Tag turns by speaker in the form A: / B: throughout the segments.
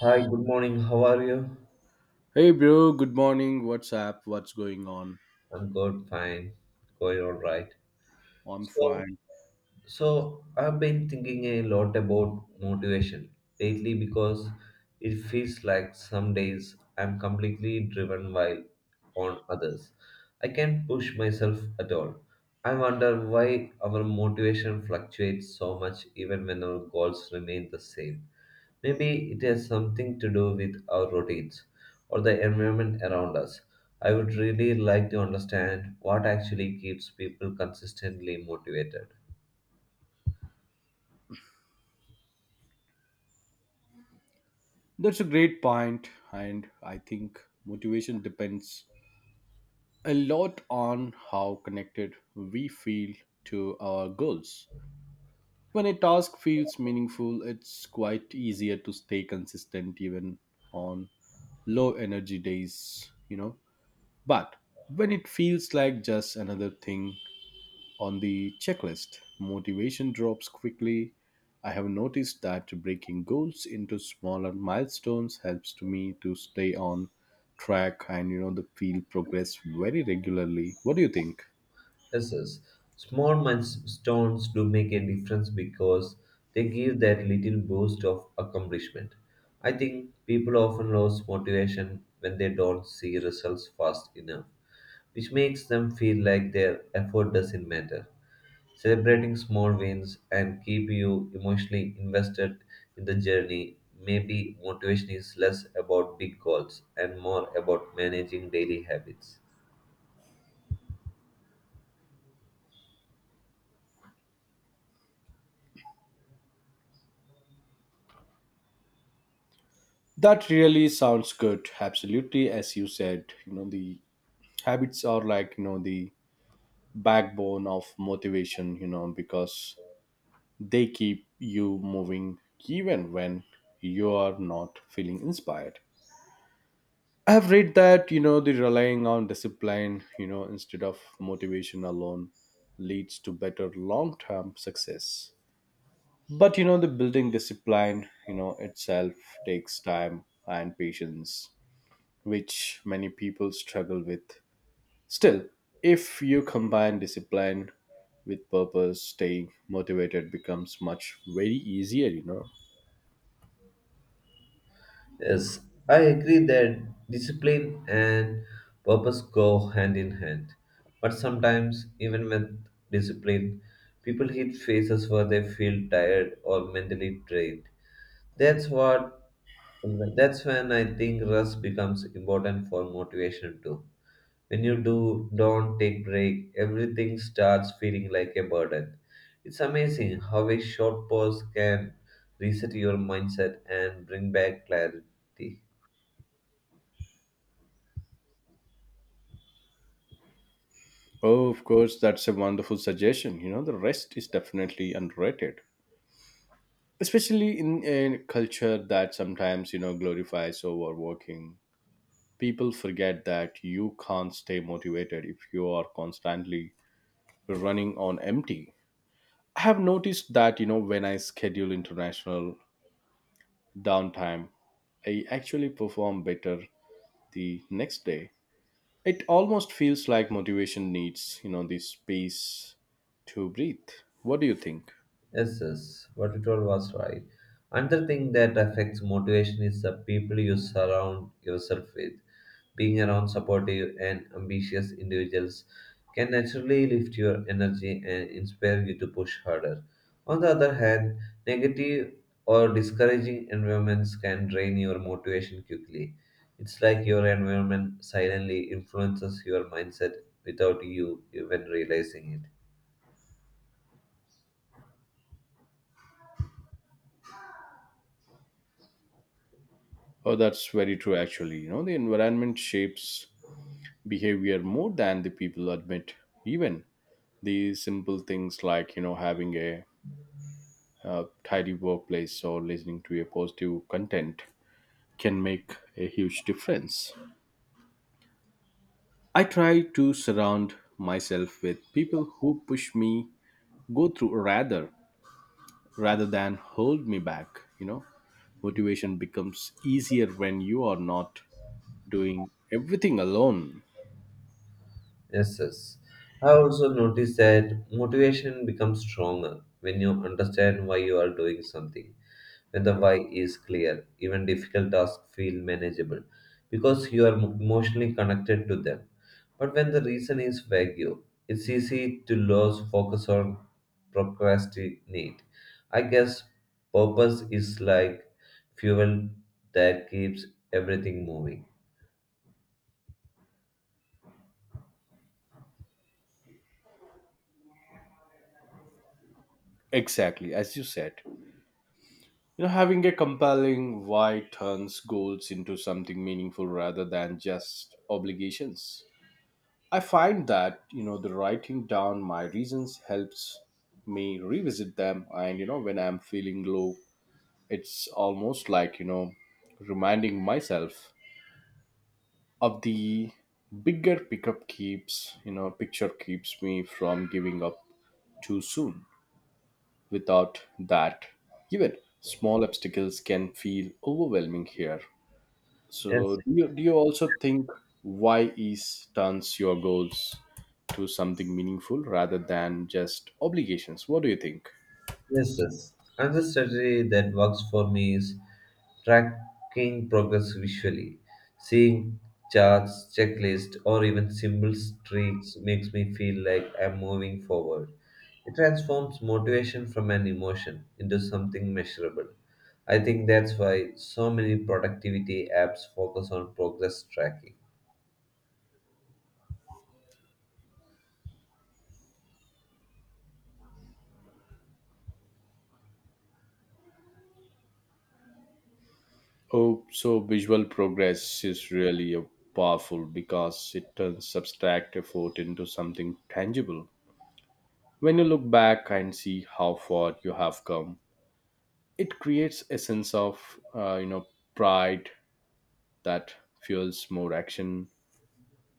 A: Hi, good morning. How are you?
B: Hey bro, good morning. What's up? What's going on?
A: I'm good, fine. Going all right.
B: I'm
A: So,
B: fine.
A: so I've been thinking a lot about motivation lately because it feels like some days I'm completely driven while on others. I can't push myself at all. I wonder why our motivation fluctuates so much even when our goals remain the same. Maybe it has something to do with our routines or the environment around us. I would really like to understand what actually keeps people consistently motivated.
B: That's a great point, and I think motivation depends a lot on how connected we feel to our goals. When a task feels meaningful, it's quite easier to stay consistent even on low energy days. But when it feels like just another thing on the checklist, motivation drops quickly. I have noticed that breaking goals into smaller milestones helps to me to stay on track and the feel progress very regularly. What do you think?
A: Yes. Small milestones do make a difference because they give that little boost of accomplishment. I think people often lose motivation when they don't see results fast enough, which makes them feel like their effort doesn't matter. Celebrating small wins and keep you emotionally invested in the journey. Maybe motivation is less about big goals and more about managing daily habits.
B: That really sounds good. Absolutely, as you said, the habits are like the backbone of motivation. Because they keep you moving even when you are not feeling inspired. I have read that the relying on discipline, instead of motivation alone, leads to better long-term success. But the building discipline, itself takes time and patience, which many people struggle with. Still, if you combine discipline with purpose, staying motivated becomes much very easier.
A: Yes, I agree that discipline and purpose go hand in hand. But sometimes, even with discipline, people hit phases where they feel tired or mentally drained. That's what that's when I think rest becomes important for motivation too. When you do don't take break, everything starts feeling like a burden. It's amazing how a short pause can reset your mindset and bring back clarity.
B: Oh, of course, that's a wonderful suggestion. The rest is definitely underrated, especially in a culture that sometimes glorifies overworking. People forget that you can't stay motivated if you are constantly running on empty. I have noticed that when I schedule international downtime, I actually perform better the next day. It almost feels like motivation needs this space to breathe. What do you think?
A: Yes, yes, what you told was right. Another thing that affects motivation is the people you surround yourself with. Being around supportive and ambitious individuals can naturally lift your energy and inspire you to push harder. On the other hand, negative or discouraging environments can drain your motivation quickly. It's like your environment silently influences your mindset without you even realizing it.
B: Oh, that's very true. Actually, the environment shapes behavior more than the people admit. Even these simple things like having a tidy workplace or listening to a positive content can make a huge difference. I try to surround myself with people who push me go through rather than hold me back. Motivation becomes easier when you are not doing everything alone.
A: Yes, yes. I also noticed that motivation becomes stronger when you understand why you are doing something, when the why is clear, even difficult tasks feel manageable because you are emotionally connected to them. But when the reason is vague, it's easy to lose focus or procrastinate. I guess purpose is like fuel that keeps everything moving.
B: Exactly, as you said, having a compelling why turns goals into something meaningful rather than just obligations. I find that the writing down my reasons helps me revisit them, and when I'm feeling low, it's almost like reminding myself of the bigger pickup keeps picture keeps me from giving up too soon. Without that, even small obstacles can feel overwhelming here. So
A: Yes.
B: do you also think why is turns your goals to something meaningful rather than just obligations? What do you think?
A: Yes, yes. Another strategy that works for me is tracking progress visually. Seeing charts, checklists, or even simple streaks makes me feel like I'm moving forward. It transforms motivation from an emotion into something measurable. I think that's why so many productivity apps focus on progress tracking.
B: Oh, so visual progress is really a powerful because it turns abstract effort into something tangible. When you look back and see how far you have come, it creates a sense of uh, you know pride that fuels more action.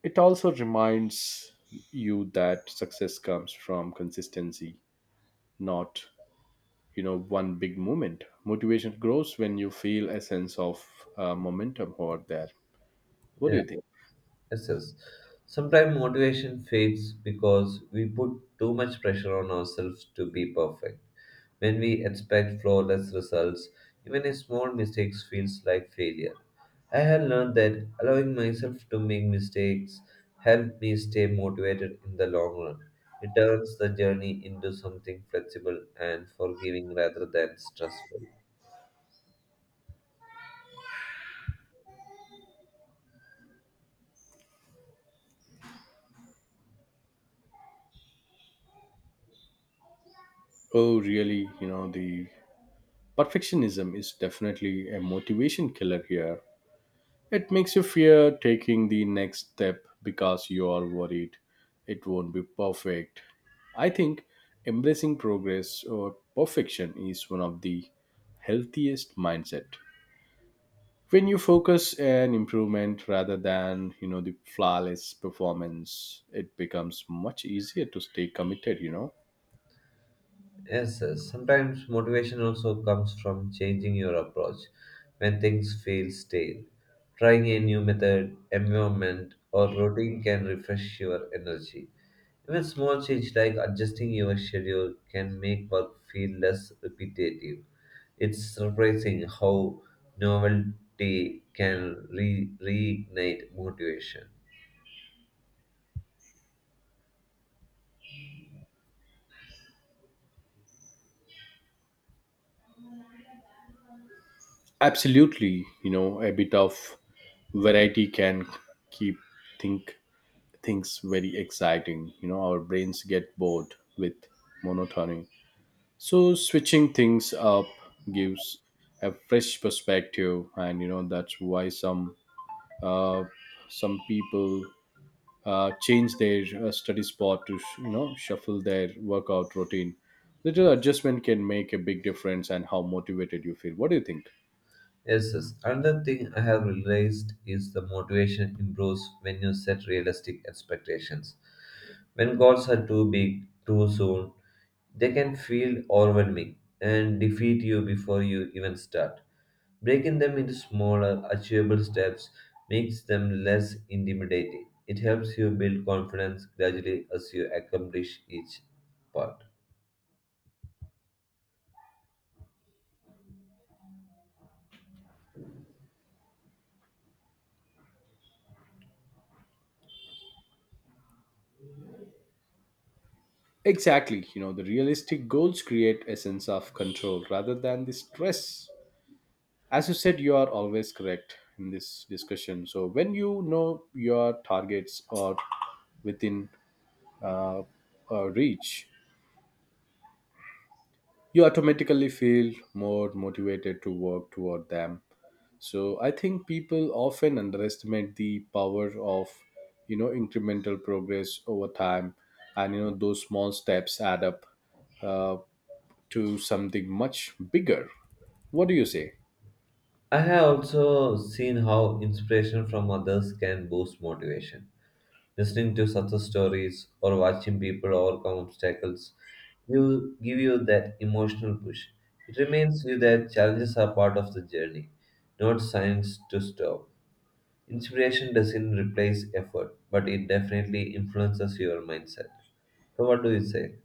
B: It also reminds you that success comes from consistency, not one big moment. Motivation grows when you feel a sense of momentum over there. What do
A: Yeah.
B: you think?
A: Yes, yes. Sometimes motivation fades because we put too much pressure on ourselves to be perfect. When we expect flawless results, even a small mistake feels like failure. I have learned that allowing myself to make mistakes helped me stay motivated in the long run. It turns the journey into something flexible and forgiving rather than stressful.
B: Oh, really? The perfectionism is definitely a motivation killer here. It makes you fear taking the next step because you are worried it won't be perfect. I think embracing progress or perfection is one of the healthiest mindset. When you focus on improvement rather than, the flawless performance, it becomes much easier to stay committed.
A: Yes, yes. Sometimes motivation also comes from changing your approach when things feel stale. Trying a new method, environment, or routine can refresh your energy. Even small change like adjusting your schedule can make work feel less repetitive. It's surprising how novelty can reignite motivation.
B: Absolutely, a bit of variety can keep think things very exciting. Our brains get bored with monotony. So switching things up gives a fresh perspective, and that's why uh, some people change their study spot to shuffle their workout routine. Little adjustment can make a big difference, and how motivated you feel. What do you think?
A: Yes, yes. Another thing I have realized is the motivation improves when you set realistic expectations. When goals are too big, too soon, they can feel overwhelming and defeat you before you even start. Breaking them into smaller, achievable steps makes them less intimidating. It helps you build confidence gradually as you accomplish each part.
B: Exactly. The realistic goals create a sense of control rather than the stress. As you said, you are always correct in this discussion. So when you know your targets are within uh, reach, you automatically feel more motivated to work toward them. So I think people often underestimate the power of incremental progress over time, and those small steps add up uh, to something much bigger. What do you say?
A: I have also seen how inspiration from others can boost motivation. Listening to success stories or watching people overcome obstacles will give you that emotional push. It reminds you that challenges are part of the journey, not signs to stop. Inspiration doesn't replace effort, but it definitely influences your mindset. So, what do you say?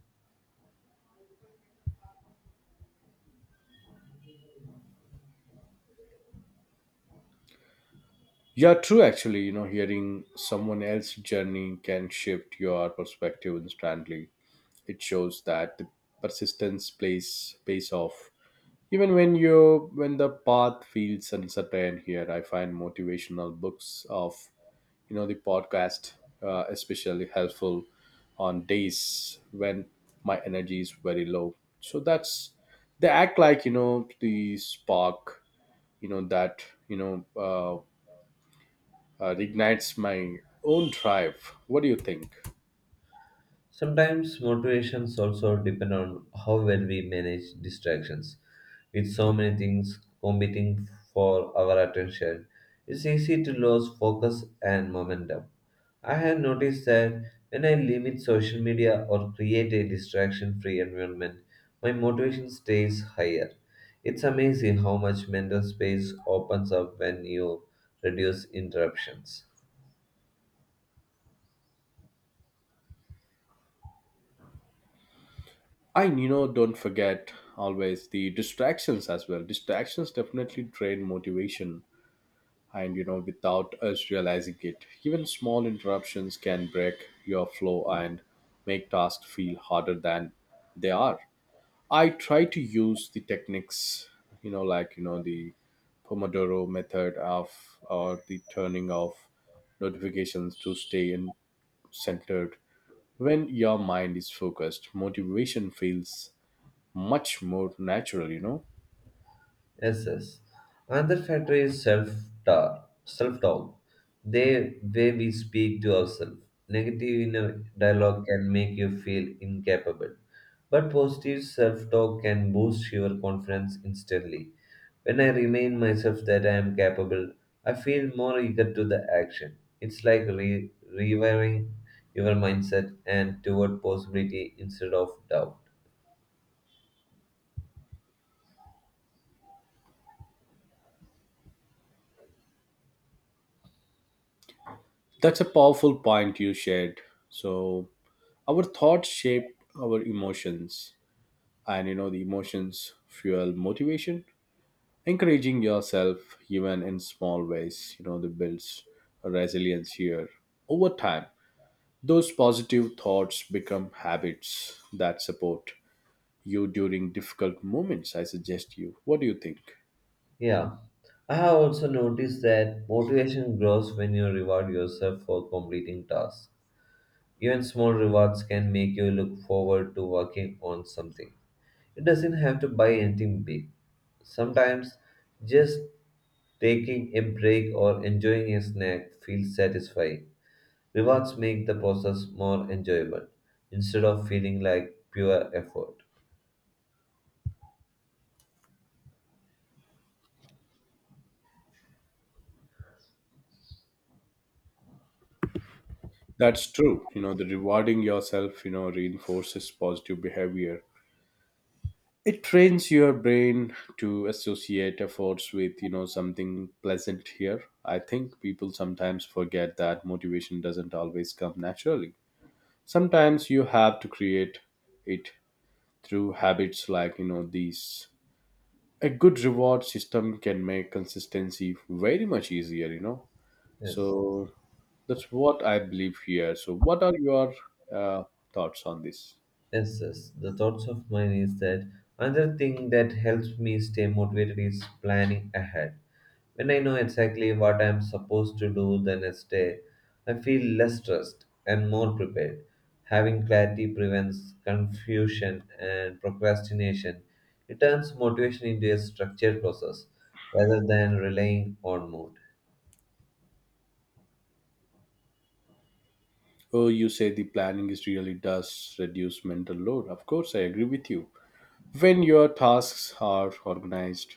B: Yeah, true. Actually, hearing someone else's journey can shift your perspective instantly. It shows that the persistence plays pays off, even when you when the path feels uncertain. Here, I find motivational books of the podcast especially helpful on days when my energy is very low. So that's they act like the spark that you know uh, ignites my own drive. What do you think?
A: Sometimes motivations also depend on how well we manage distractions. With so many things competing for our attention, it's easy to lose focus and momentum. I have noticed that when I limit social media or create a distraction free environment, my motivation stays higher. It's amazing how much mental space opens up when you reduce interruptions.
B: Don't forget always the distractions as well. Distractions definitely drain motivation, and without us realizing it, even small interruptions can break your flow and make tasks feel harder than they are. I try to use the techniques, like the Pomodoro method of or the turning off notifications to stay in centered. When your mind is focused, motivation feels much more natural.
A: Yes, yes. Another factor is self talk. Self talk, the way we speak to ourselves. Negative inner dialogue can make you feel incapable, but positive self talk can boost your confidence instantly. When I remind myself that I am capable, I feel more eager to the action. It's like rewiring your mindset and toward possibility instead of doubt.
B: That's a powerful point you shared. So our thoughts shape our emotions, and the emotions fuel motivation. Encouraging yourself even in small ways, the builds resilience here over time. Those positive thoughts become habits that support you during difficult moments, I suggest you. What do you think?
A: Yeah, I have also noticed that motivation grows when you reward yourself for completing tasks. Even small rewards can make you look forward to working on something. It doesn't have to buy anything big. Sometimes just taking a break or enjoying a snack feels satisfying. Rewards make the process more enjoyable instead of feeling like pure effort.
B: That's true. The rewarding yourself, reinforces positive behavior. It trains your brain to associate efforts with, something pleasant here. I think people sometimes forget that motivation doesn't always come naturally. Sometimes you have to create it through habits like, these. A good reward system can make consistency very much easier.
A: Yes.
B: So that's what I believe here. So, what are your uh, thoughts on this?
A: Yes, yes. The thoughts of mine is that another thing that helps me stay motivated is planning ahead. When I know exactly what I am supposed to do the next day, I feel less stressed and more prepared. Having clarity prevents confusion and procrastination. It turns motivation into a structured process rather than relying on mood.
B: Oh, you say the planning is really does reduce mental load. Of course, I agree with you. When your tasks are organized,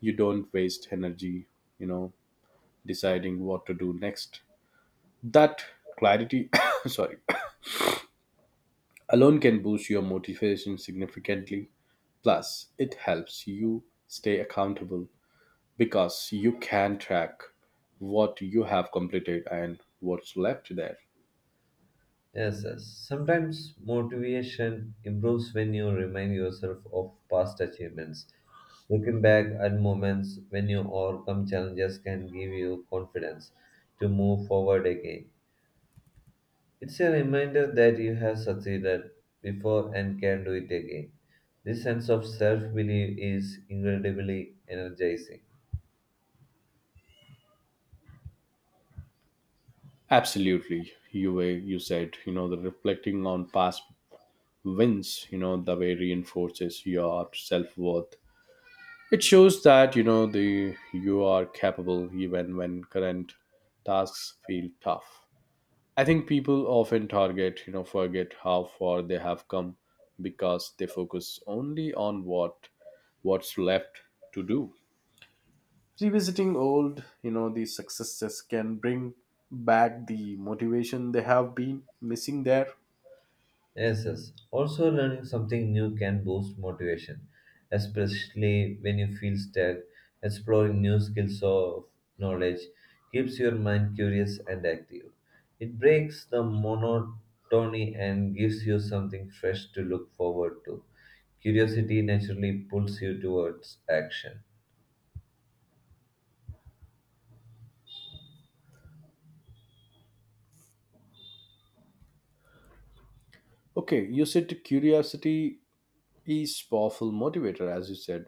B: you don't waste energy, you know, deciding what to do next. That clarity, sorry, alone can boost your motivation significantly. Plus, it helps you stay accountable because you can track what you have completed and what's left there.
A: Yes, yes. Sometimes motivation improves when you remind yourself of past achievements. Looking back at moments when you overcome challenges can give you confidence to move forward again. It's a reminder that you have succeeded before and can do it again. This sense of self belief is incredibly energizing.
B: Absolutely, you said the reflecting on past wins the way reinforces your self-worth. It shows that the you are capable even when current tasks feel tough. I think people often target you know forget how far they have come, because they focus only on what's left to do. Revisiting old these successes can bring back the motivation they have been missing there.
A: Yes, yes. Also, learning something new can boost motivation, especially when you feel stuck. Exploring new skills or knowledge keeps your mind curious and active. It breaks the monotony and gives you something fresh to look forward to. Curiosity naturally pulls you towards action.
B: Okay, you said curiosity is powerful motivator. As you said,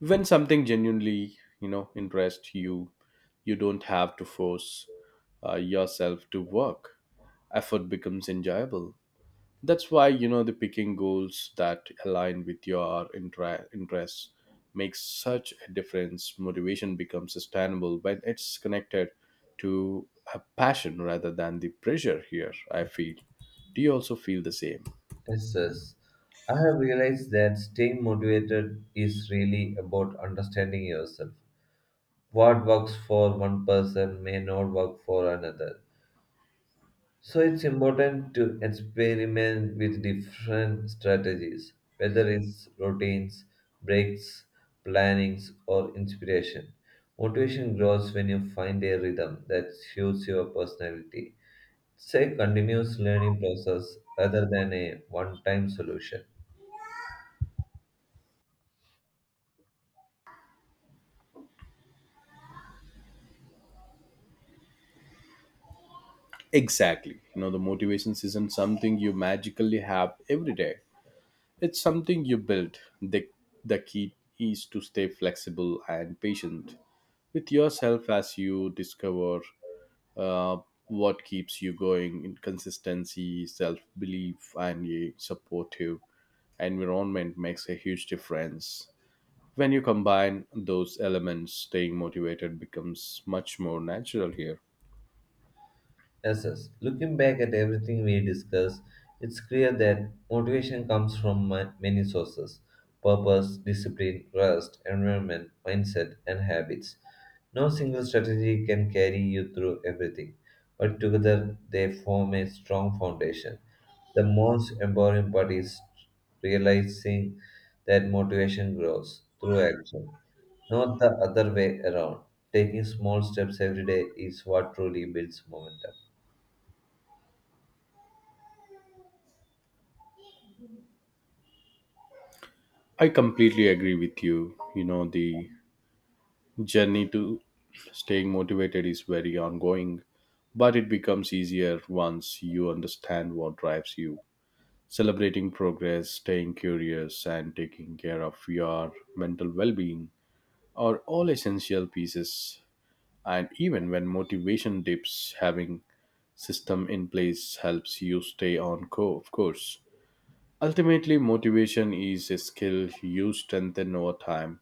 B: when something genuinely interests you don't have to force yourself to work. Effort becomes enjoyable. That's why the picking goals that align with your interests makes such a difference. Motivation becomes sustainable when it's connected to a passion rather than the pressure here, I feel. Do you also feel the same?
A: Yes, yes. I have realized that staying motivated is really about understanding yourself. What works for one person may not work for another. So it's important to experiment with different strategies, whether it's routines, breaks, plannings, or inspiration. Motivation grows when you find a rhythm that suits your personality. It's a continuous learning process rather than a one time solution.
B: Exactly. The motivations isn't something you magically have every day. It's something you build. The key is to stay flexible and patient with yourself as you discover uh, what keeps you going. In consistency, self belief, and a supportive environment makes a huge difference. When you combine those elements, staying motivated becomes much more natural here.
A: Lessons. Looking back at everything we discussed, it's clear that motivation comes from many sources purpose, discipline, rest, environment, mindset, and habits. No single strategy can carry you through everything, but together they form a strong foundation. The most empowering part is realizing that motivation grows through action, not the other way around. Taking small steps every day is what truly builds momentum.
B: I completely agree with you. The journey to staying motivated is very ongoing, but it becomes easier once you understand what drives you. Celebrating progress, staying curious, and taking care of your mental well being are all essential pieces. And even when motivation dips, having system in place helps you stay on of course. Ultimately, motivation is a skill you strengthen over time,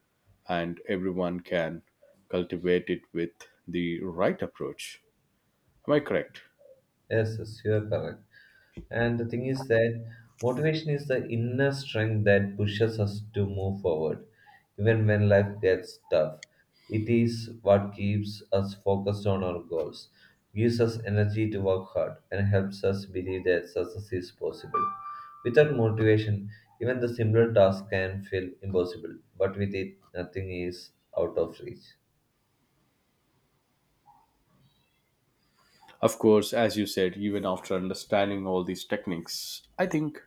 B: and everyone can cultivate it with the right approach. Am I correct?
A: Yes, yes, you are correct. And the thing is that motivation is the inner strength that pushes us to move forward, even when life gets tough. It is what keeps us focused on our goals, gives us energy to work hard, and helps us believe that success is possible. Without motivation, even the simpler task can feel impossible, but with it, nothing is out of reach.
B: Of course, as you said, even after understanding all these techniques, I think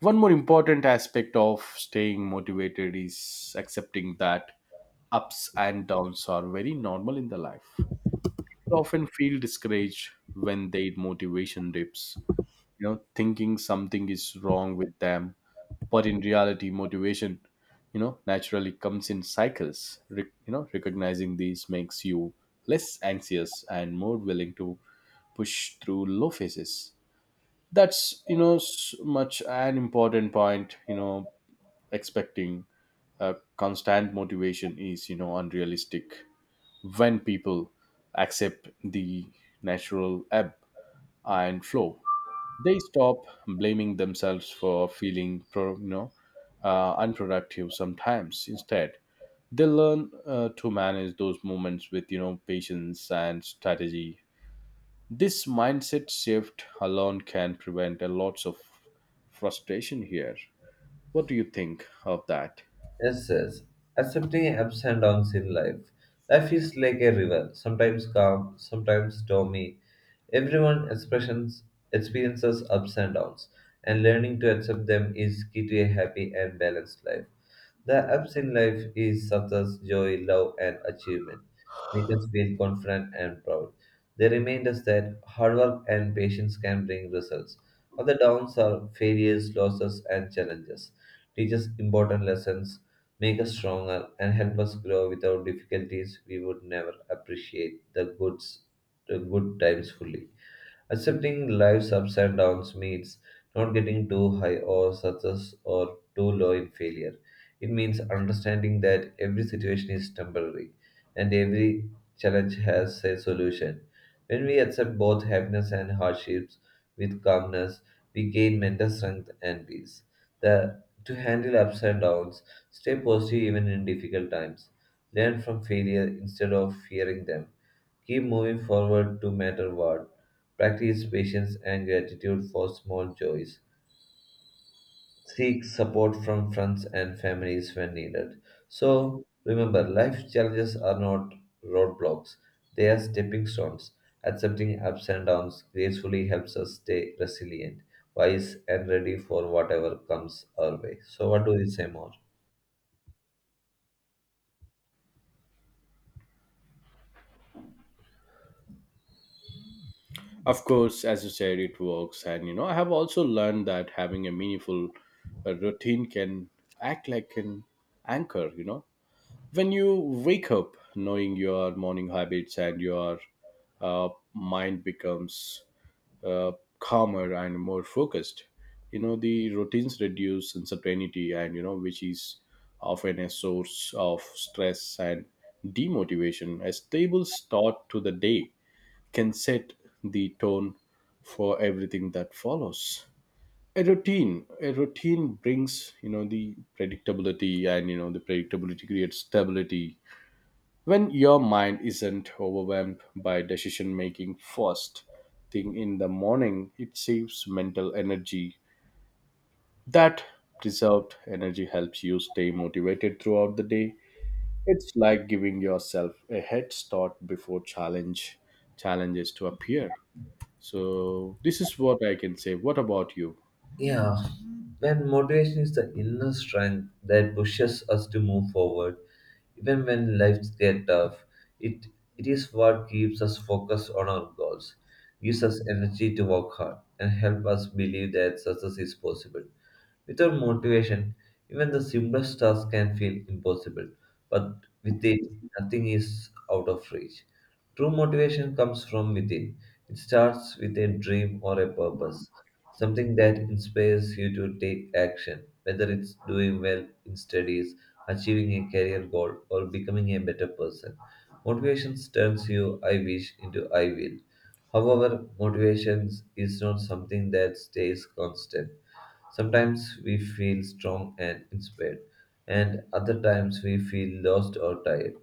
B: one more important aspect of staying motivated is accepting that ups and downs are very normal in the life. You often feel discouraged when their motivation dips, thinking something is wrong with them. But in reality, motivation naturally comes in cycles. Recognizing these makes you less anxious and more willing to push through low phases. That's much an important point. Expecting constant motivation is unrealistic. When people accept the natural ebb and flow, they stop blaming themselves for feeling pro, you know unproductive sometimes. Instead, they learn to manage those moments with patience and strategy. This mindset shift alone can prevent a lots of frustration here. What do you think of that?
A: Yes, yes. Accepting ups and downs in life. Life is like a river, sometimes calm, sometimes stormy. Everyone expressions experiences ups and downs, and learning to accept them is key to a happy and balanced life. The ups in life is success, joy, love, and achievement. Make us feel confident and proud. They remind us that hard work and patience can bring results. But the downs are failures, losses, and challenges. Teach us important lessons, make us stronger, and help us grow without difficulties. We would never appreciate the the good times fully. Accepting life's ups and downs means not getting too high or success or too low in failure. It means understanding that every situation is temporary and every challenge has a solution. When we accept both happiness and hardships with calmness, we gain mental strength and peace. The, to handle ups and downs, stay positive even in difficult times. Learn from failure instead of fearing them. Keep moving forward no matter what. Practice patience and gratitude for small joys. Seek support from friends and families when needed. So, remember, life challenges are not roadblocks, they are stepping stones. Accepting ups and downs gracefully helps us stay resilient, wise, and ready for whatever comes our way. So, what do we say more?
B: Of course, as you said, it works. And I have also learned that having a meaningful routine can act like an anchor. When you wake up knowing your morning habits, and your mind becomes uh, calmer and more focused. The routines reduce uncertainty, and which is often a source of stress and demotivation. A stable start to the day can set the tone for everything that follows. A routine a routine brings the predictability, and the predictability creates stability. When your mind isn't overwhelmed by decision making first thing in the morning, it saves mental energy. That preserved energy helps you stay motivated throughout the day. It's like giving yourself a head start before challenges to appear. So this is what I can say. What about you?
A: Yeah, when motivation is the inner strength that pushes us to move forward, even when lives get tough, it, it is what keeps us focused on our goals, gives us energy to work hard, and help us believe that success is possible. Without motivation, even the simplest task can feel impossible, but with it, nothing is out of reach. True motivation comes from within. It starts with a dream or a purpose, something that inspires you to take action, whether it's doing well in studies, achieving a career goal, or becoming a better person. Motivation turns you I wish into I will. However, motivation is not something that stays constant. Sometimes we feel strong and inspired, and other times we feel lost or tired.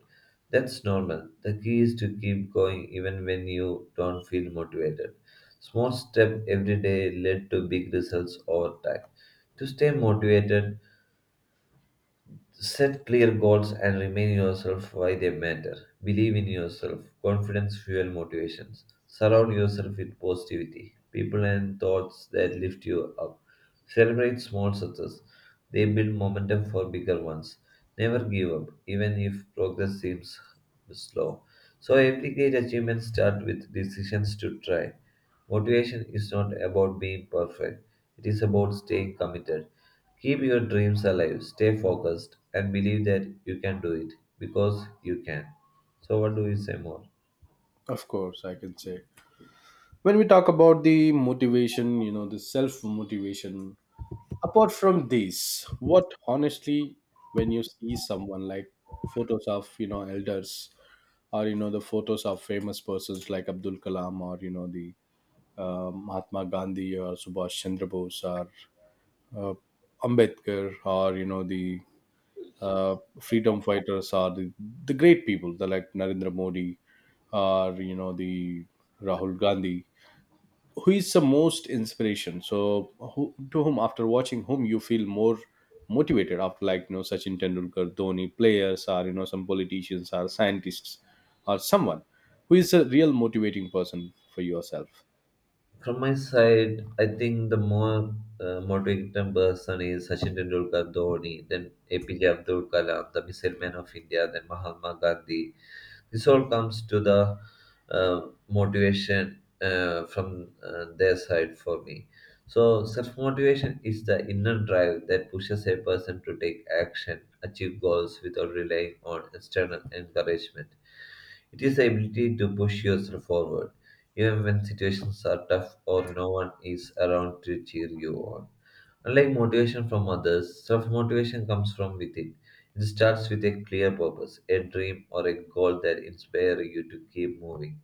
A: That's normal. The key is to keep going even when you don't feel motivated. Small step every day lead to big results over time. To stay motivated, set clear goals and remind yourself why they matter. Believe in yourself. Confidence fuel motivations. Surround yourself with positivity, people and thoughts that lift you up. Celebrate small success. They build momentum for bigger ones. Never give up, even if progress seems slow. So every great achievement starts with decisions to try. Motivation is not about being perfect. It is about staying committed. Keep your dreams alive, stay focused, and believe that you can do it because you can. So, what do you say more?
B: Of course, I can say when we talk about the motivation, the self motivation. Apart from these, what honestly, when you see someone like photos of elders, or the photos of famous persons like Abdul Kalam, or the Mahatma Gandhi, or Subhash Chandra Bose, or uh, Ambedkar, or the freedom fighters, or the great people the like Narendra Modi, or the Rahul Gandhi, who is the most inspiration? So who, to whom after watching whom you feel more motivated? After like Sachin Tendulkar, Dhoni, players, or some politicians, or scientists, or someone who is a real motivating person for yourself?
A: From my side, I think the more motivating person is Sachin Tendulkar Dhoni, then APJ Abdul Kalam, the Missile Man of India, then Mahatma Gandhi. This all comes to the uh, motivation from their side for me. So, self motivation is the inner drive that pushes a person to take action, achieve goals without relying on external encouragement. It is the ability to push yourself forward, even when situations are tough or no one is around to cheer you on. Unlike motivation from others, self motivation comes from within. It starts with a clear purpose, a dream, or a goal that inspires you to keep moving.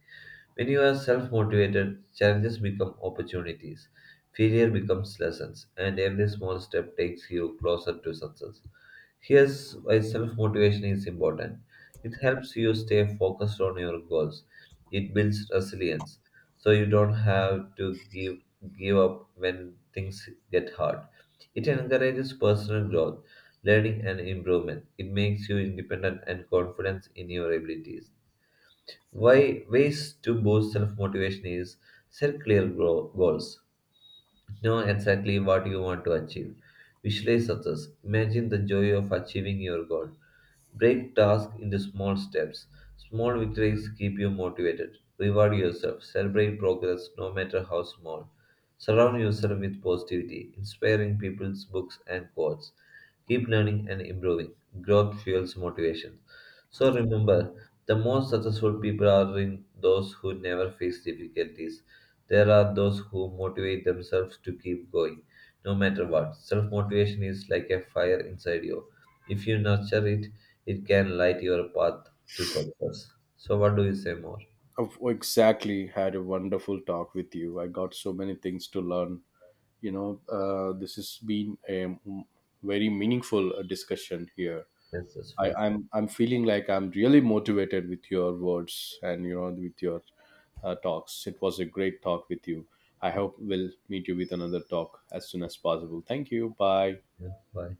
A: When you are self motivated, challenges become opportunities, failure becomes lessons, and every small step takes you closer to success. Here's why self motivation is important it helps you stay focused on your goals, it builds resilience so you don't have to give up when things get hard. It encourages personal growth, learning, and improvement. It makes you independent and confident in your abilities. Why ways to boost self motivation is set clear goals. Know exactly what you want to achieve. Visualize success. Imagine the joy of achieving your goal. Break tasks into small steps. Small victories keep you motivated. Reward yourself. Celebrate progress, no matter how small. Surround yourself with positivity, inspiring people's books and quotes. Keep learning and improving. Growth fuels motivation. So remember, the most successful people are in those who never face difficulties. There are those who motivate themselves to keep going, no matter what. Self motivation is like a fire inside you. If you nurture it, it can light your path to success. So, what do you say more?
B: I've exactly had a wonderful talk with you. I got so many things to learn, you know this has been a very meaningful discussion here.
A: Yes, that's
B: I,
A: for
B: I'm I'm feeling like I'm really motivated with your words, and with your talks. It was a great talk with you. I hope we'll meet you with another talk as soon as possible. Thank you. Bye.
A: you. Bye.